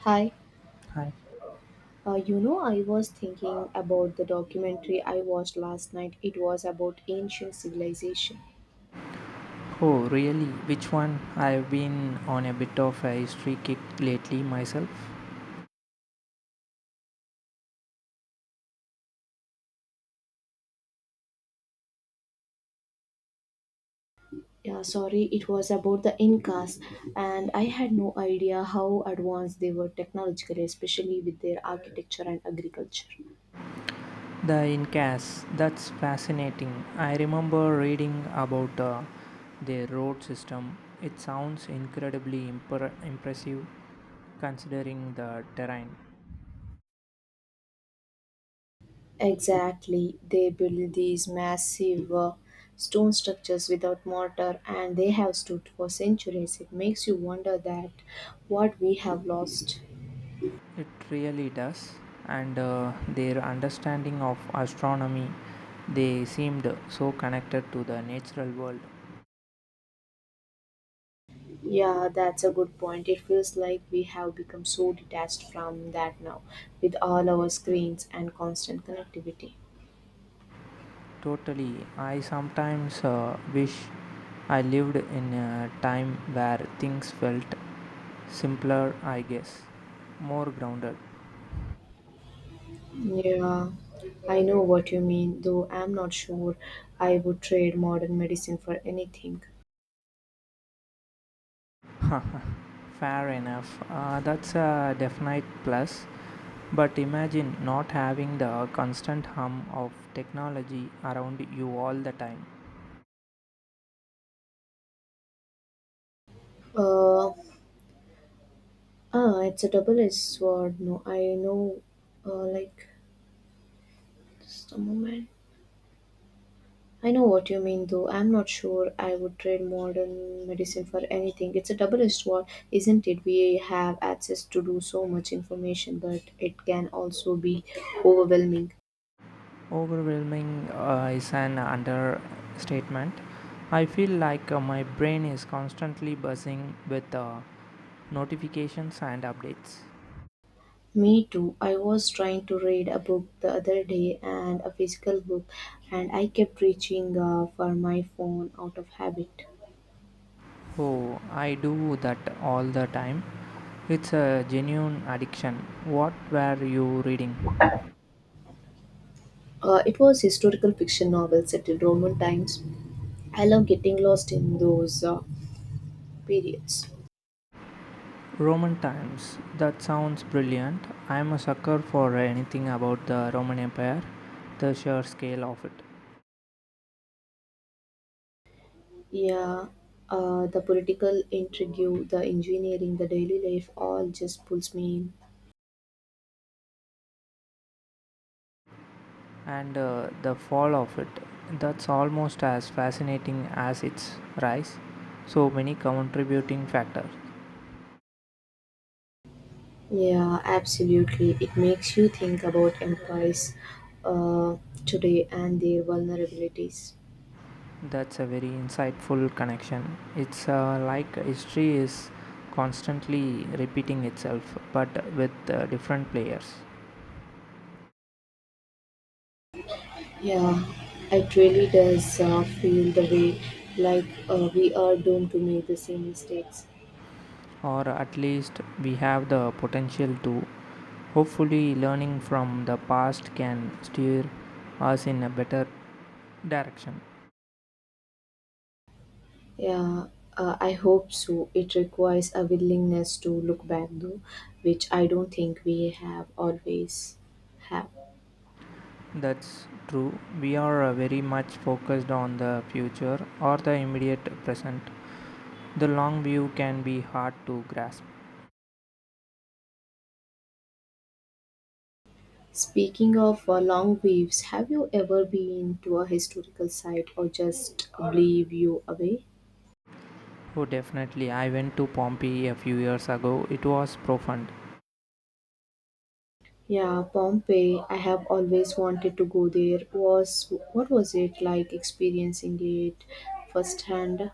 Hi, Hi. I was thinking about the documentary I watched last night. It was about ancient civilization. Oh, really? Which one? I've been on a bit of a history kick lately myself. Yeah, sorry, it was about the Incas, and I had no idea how advanced they were technologically, especially with their architecture and agriculture. The Incas. That's fascinating. I remember reading about their road system. It sounds incredibly impressive considering the terrain. Exactly, they built these massive stone structures without mortar, and they have stood for centuries. It makes you wonder that what we have lost. It really does. And their understanding of astronomy. They seemed so connected to the natural world. Yeah, that's a good point. It feels like we have become so detached from that now, with all our screens and constant connectivity. Totally. I sometimes wish I lived in a time where things felt simpler, I guess. More grounded. Yeah, I know what you mean, though I'm not sure I would trade modern medicine for anything. Fair enough. That's a definite plus. But imagine not having the constant hum of technology around you all the time. Uh, it's a double-edged sword. No, I know, uh, like, just a moment. I know what you mean, though. I'm not sure I would trade modern medicine for anything. It's a double edged sword, isn't it? We have access to do so much information, but it can also be overwhelming. Overwhelming is an understatement. I feel like my brain is constantly buzzing with notifications and updates. Me too. I was trying to read a book the other day and a physical book, and I kept reaching for my phone out of habit. Oh, I do that all the time. It's a genuine addiction. What were you reading? It was historical fiction novel set in Roman times. I love getting lost in those periods. Roman times. That sounds brilliant. I'm a sucker for anything about the Roman Empire, the sheer scale of it, Yeah, the political intrigue, the engineering, the daily life, all just pulls me in. and the fall of it. That's almost as fascinating as its rise. So many contributing factors. Yeah, absolutely. It makes you think about empires uh, today and their vulnerabilities. That's a very insightful connection. It's like history is constantly repeating itself, but with different players. Yeah, it really does feel the way like we are doomed to make the same mistakes. Or at least we have the potential to. Hopefully, learning from the past can steer us in a better direction. Yeah, I hope so. It requires a willingness to look back, though, which I don't think we have always have. That's true. We are very much focused on the future or the immediate present. The long view can be hard to grasp. Speaking of long waves, have you ever been to a historical site or just blew you away? Oh, definitely. I went to Pompeii a few years ago. It was profound. Yeah, Pompeii. I have always wanted to go there. Was what was it like experiencing it firsthand?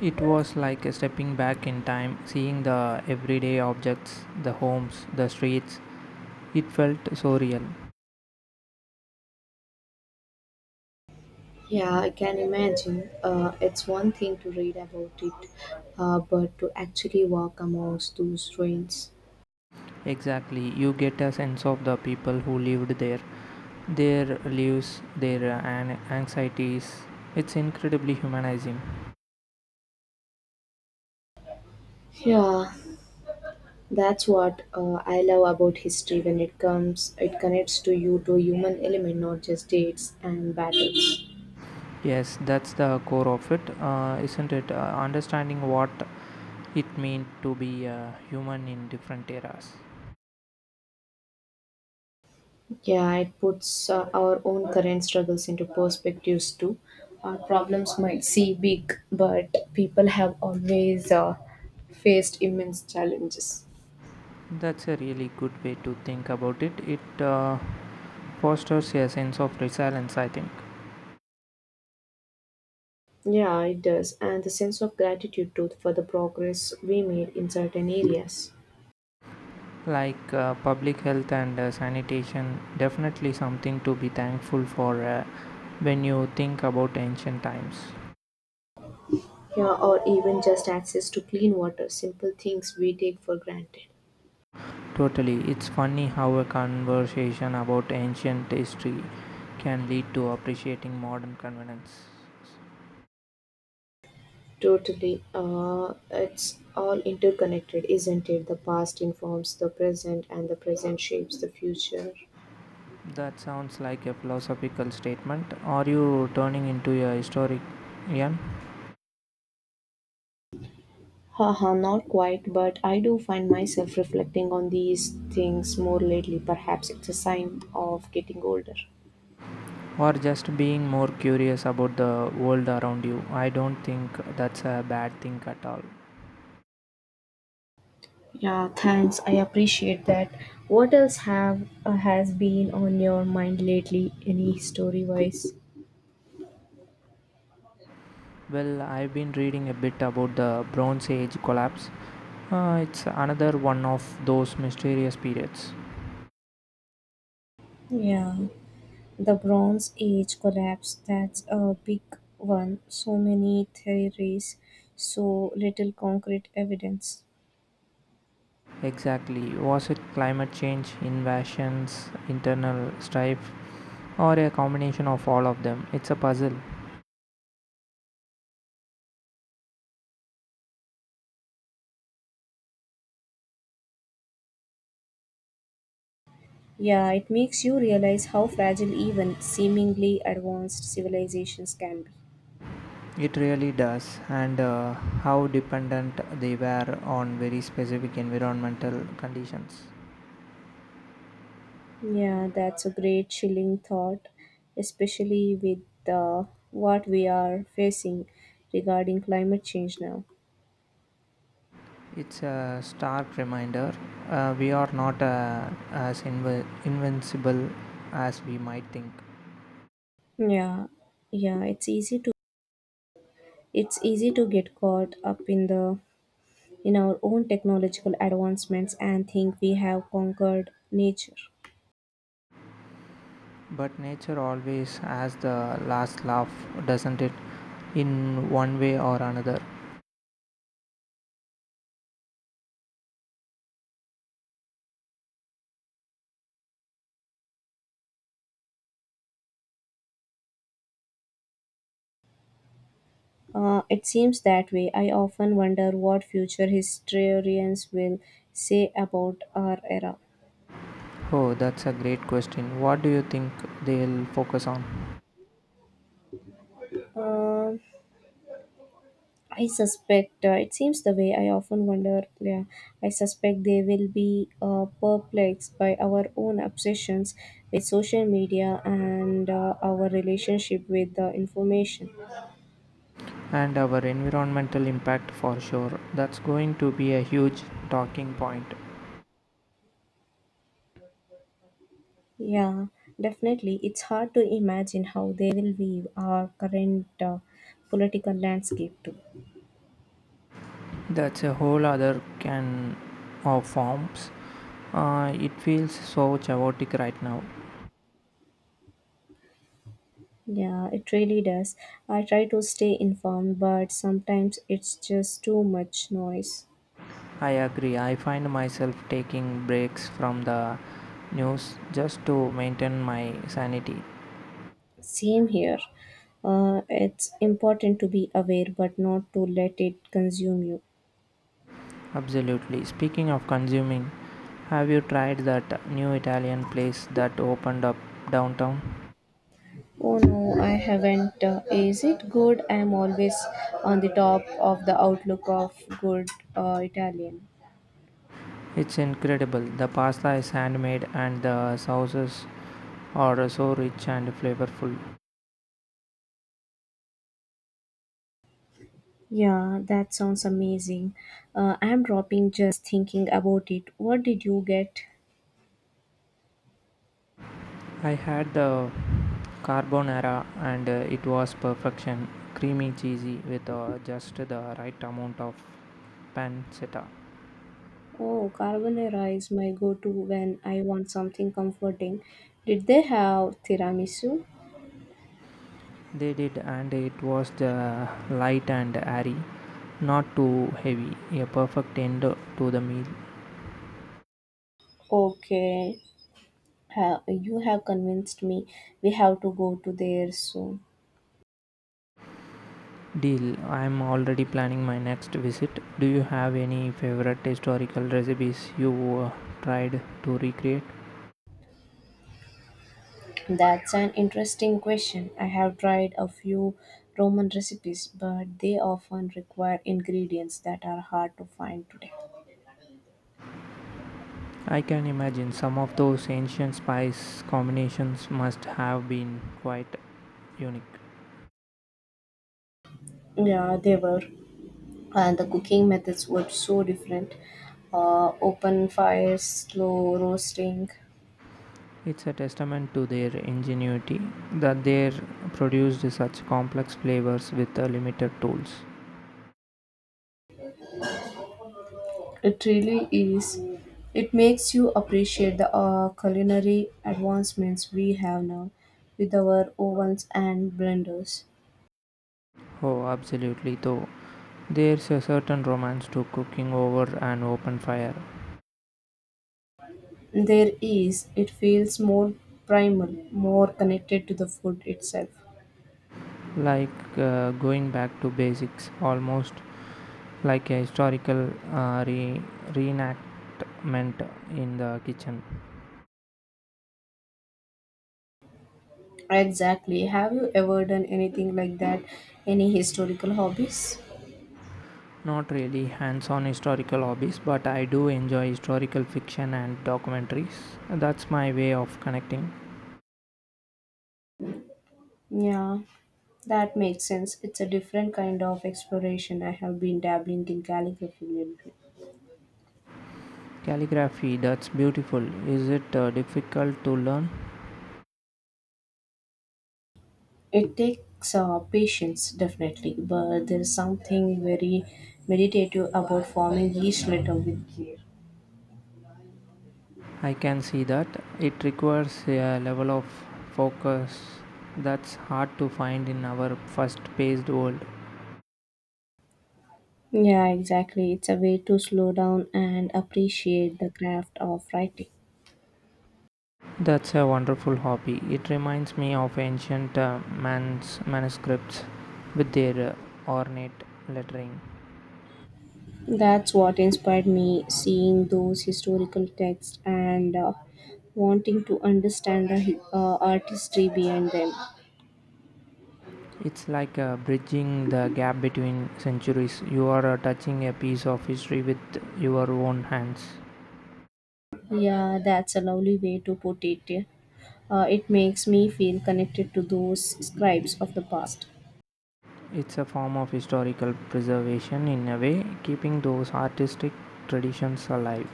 It was like stepping back in time, seeing the everyday objects, the homes, the streets. It felt so real. Yeah, I can imagine. It's one thing to read about it, but to actually walk amongst those ruins. Exactly. You get a sense of the people who lived there, their lives, their anxieties. It's incredibly humanizing. Yeah, that's what I love about history when it comes it connects to you to human element not just dates and battles. Yes, that's the core of it, isn't it? Understanding what it meant to be a human in different eras. Yeah, it puts our own current struggles into perspectives too. Our problems might seem big, but people have always faced immense challenges. That's a really good way to think about it. It fosters a sense of resilience, I think. Yeah, it does. And the sense of gratitude too for the progress we made in certain areas. Like public health and sanitation, definitely something to be thankful for when you think about ancient times. Yeah, or even just access to clean water, simple things we take for granted. Totally. It's funny how a conversation about ancient history can lead to appreciating modern convenience. Totally. It's all interconnected, isn't it? The past informs the present, and the present shapes the future. That sounds like a philosophical statement. Are you turning into a historian? Haha, not quite, but I do find myself reflecting on these things more lately. Perhaps it's a sign of getting older. Or just being more curious about the world around you. I don't think that's a bad thing at all. Yeah, thanks. I appreciate that. What else have has been on your mind lately? Any story wise? Well, I've been reading a bit about the Bronze Age collapse. It's another one of those mysterious periods. Yeah. The Bronze Age collapse, that's a big one. So many theories, so little concrete evidence. Exactly. Was it climate change, invasions, internal strife, or a combination of all of them? It's a puzzle. Yeah, it makes you realize how fragile even seemingly advanced civilizations can be. It really does, and how dependent they were on very specific environmental conditions. Yeah, that's a great chilling thought, especially with what we are facing regarding climate change now. It's a stark reminder, we are not as inv- invincible as we might think. Yeah, yeah, it's easy to get caught up in the in our own technological advancements and think we have conquered nature. But nature always has the last laugh, doesn't it? In one way or another. It seems that way. I often wonder what future historians will say about our era. Oh, that's a great question. What do you think they'll focus on? Um, I suspect it seems the way. I often wonder. Yeah, I suspect they will be perplexed by our own obsessions with social media and our relationship with the information. And our environmental impact for sure. That's going to be a huge talking point. Yeah, definitely. It's hard to imagine how they will weave our current political landscape too. That's a whole other can of forms. It feels so chaotic right now. Yeah, it really does. I try to stay informed, but sometimes it's just too much noise. I agree. I find myself taking breaks from the news just to maintain my sanity. Same here. It's important to be aware, but not to let it consume you. Absolutely. Speaking of consuming, have you tried that new Italian place that opened up downtown? Oh no, I haven't. Is it good? I'm always on the top of the outlook of good Italian. It's incredible. The pasta is handmade and the sauces are so rich and flavorful. Yeah, that sounds amazing. I'm dropping just thinking about it. What did you get? I had the carbonara and it was perfection. Creamy, cheesy, with just the right amount of pancetta. Oh, carbonara is my go-to when I want something comforting. Did they have tiramisu? They did, and it was the light and airy, not too heavy, a perfect end to the meal. Okay, you have convinced me. We have to go to there soon. Deal. I'm already planning my next visit. Do you have any favorite historical recipes you uh, tried to recreate? That's an interesting question. I have tried a few Roman recipes, but they often require ingredients that are hard to find today. I can imagine some of those ancient spice combinations must have been quite unique. Yeah, they were. And the cooking methods were so different. Open fires, slow roasting. It's a testament to their ingenuity that they produced such complex flavors with limited tools. It really is. It makes you appreciate the culinary advancements we have now with our ovens and blenders. Oh, absolutely, though. There's a certain romance to cooking over an open fire, There is, it feels more primal, more connected to the food itself. like going back to basics, almost like a historical reenactment in the kitchen. Exactly. Have you ever done anything like that? Any historical hobbies? Not really hands on historical hobbies, but I do enjoy historical fiction and documentaries. That's my way of connecting. Yeah. That makes sense. It's a different kind of exploration. I have been dabbling in calligraphy lately. Calligraphy, that's beautiful. Is it difficult to learn? It takes patience, definitely, but there's something very meditative about forming each letter with care. I can see that it requires a level of focus that's hard to find in our fast paced world. Yeah, exactly. It's a way to slow down and appreciate the craft of writing. That's a wonderful hobby. It reminds me of ancient man's manuscripts with their ornate lettering. That's what inspired me seeing those historical texts and wanting to understand the artistry behind them. It's like bridging the gap between centuries. You are touching a piece of history with your own hands. Yeah, that's a lovely way to put it. It makes me feel connected to those scribes of the past. It's a form of historical preservation in a way, keeping those artistic traditions alive.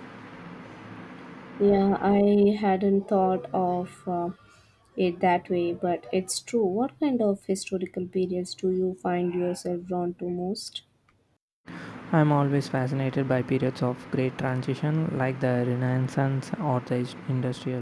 Yeah, I hadn't thought of it that way, but it's true. What kind of historical periods do you find yourself drawn to most? I'm always fascinated by periods of great transition like the Renaissance or the Industrial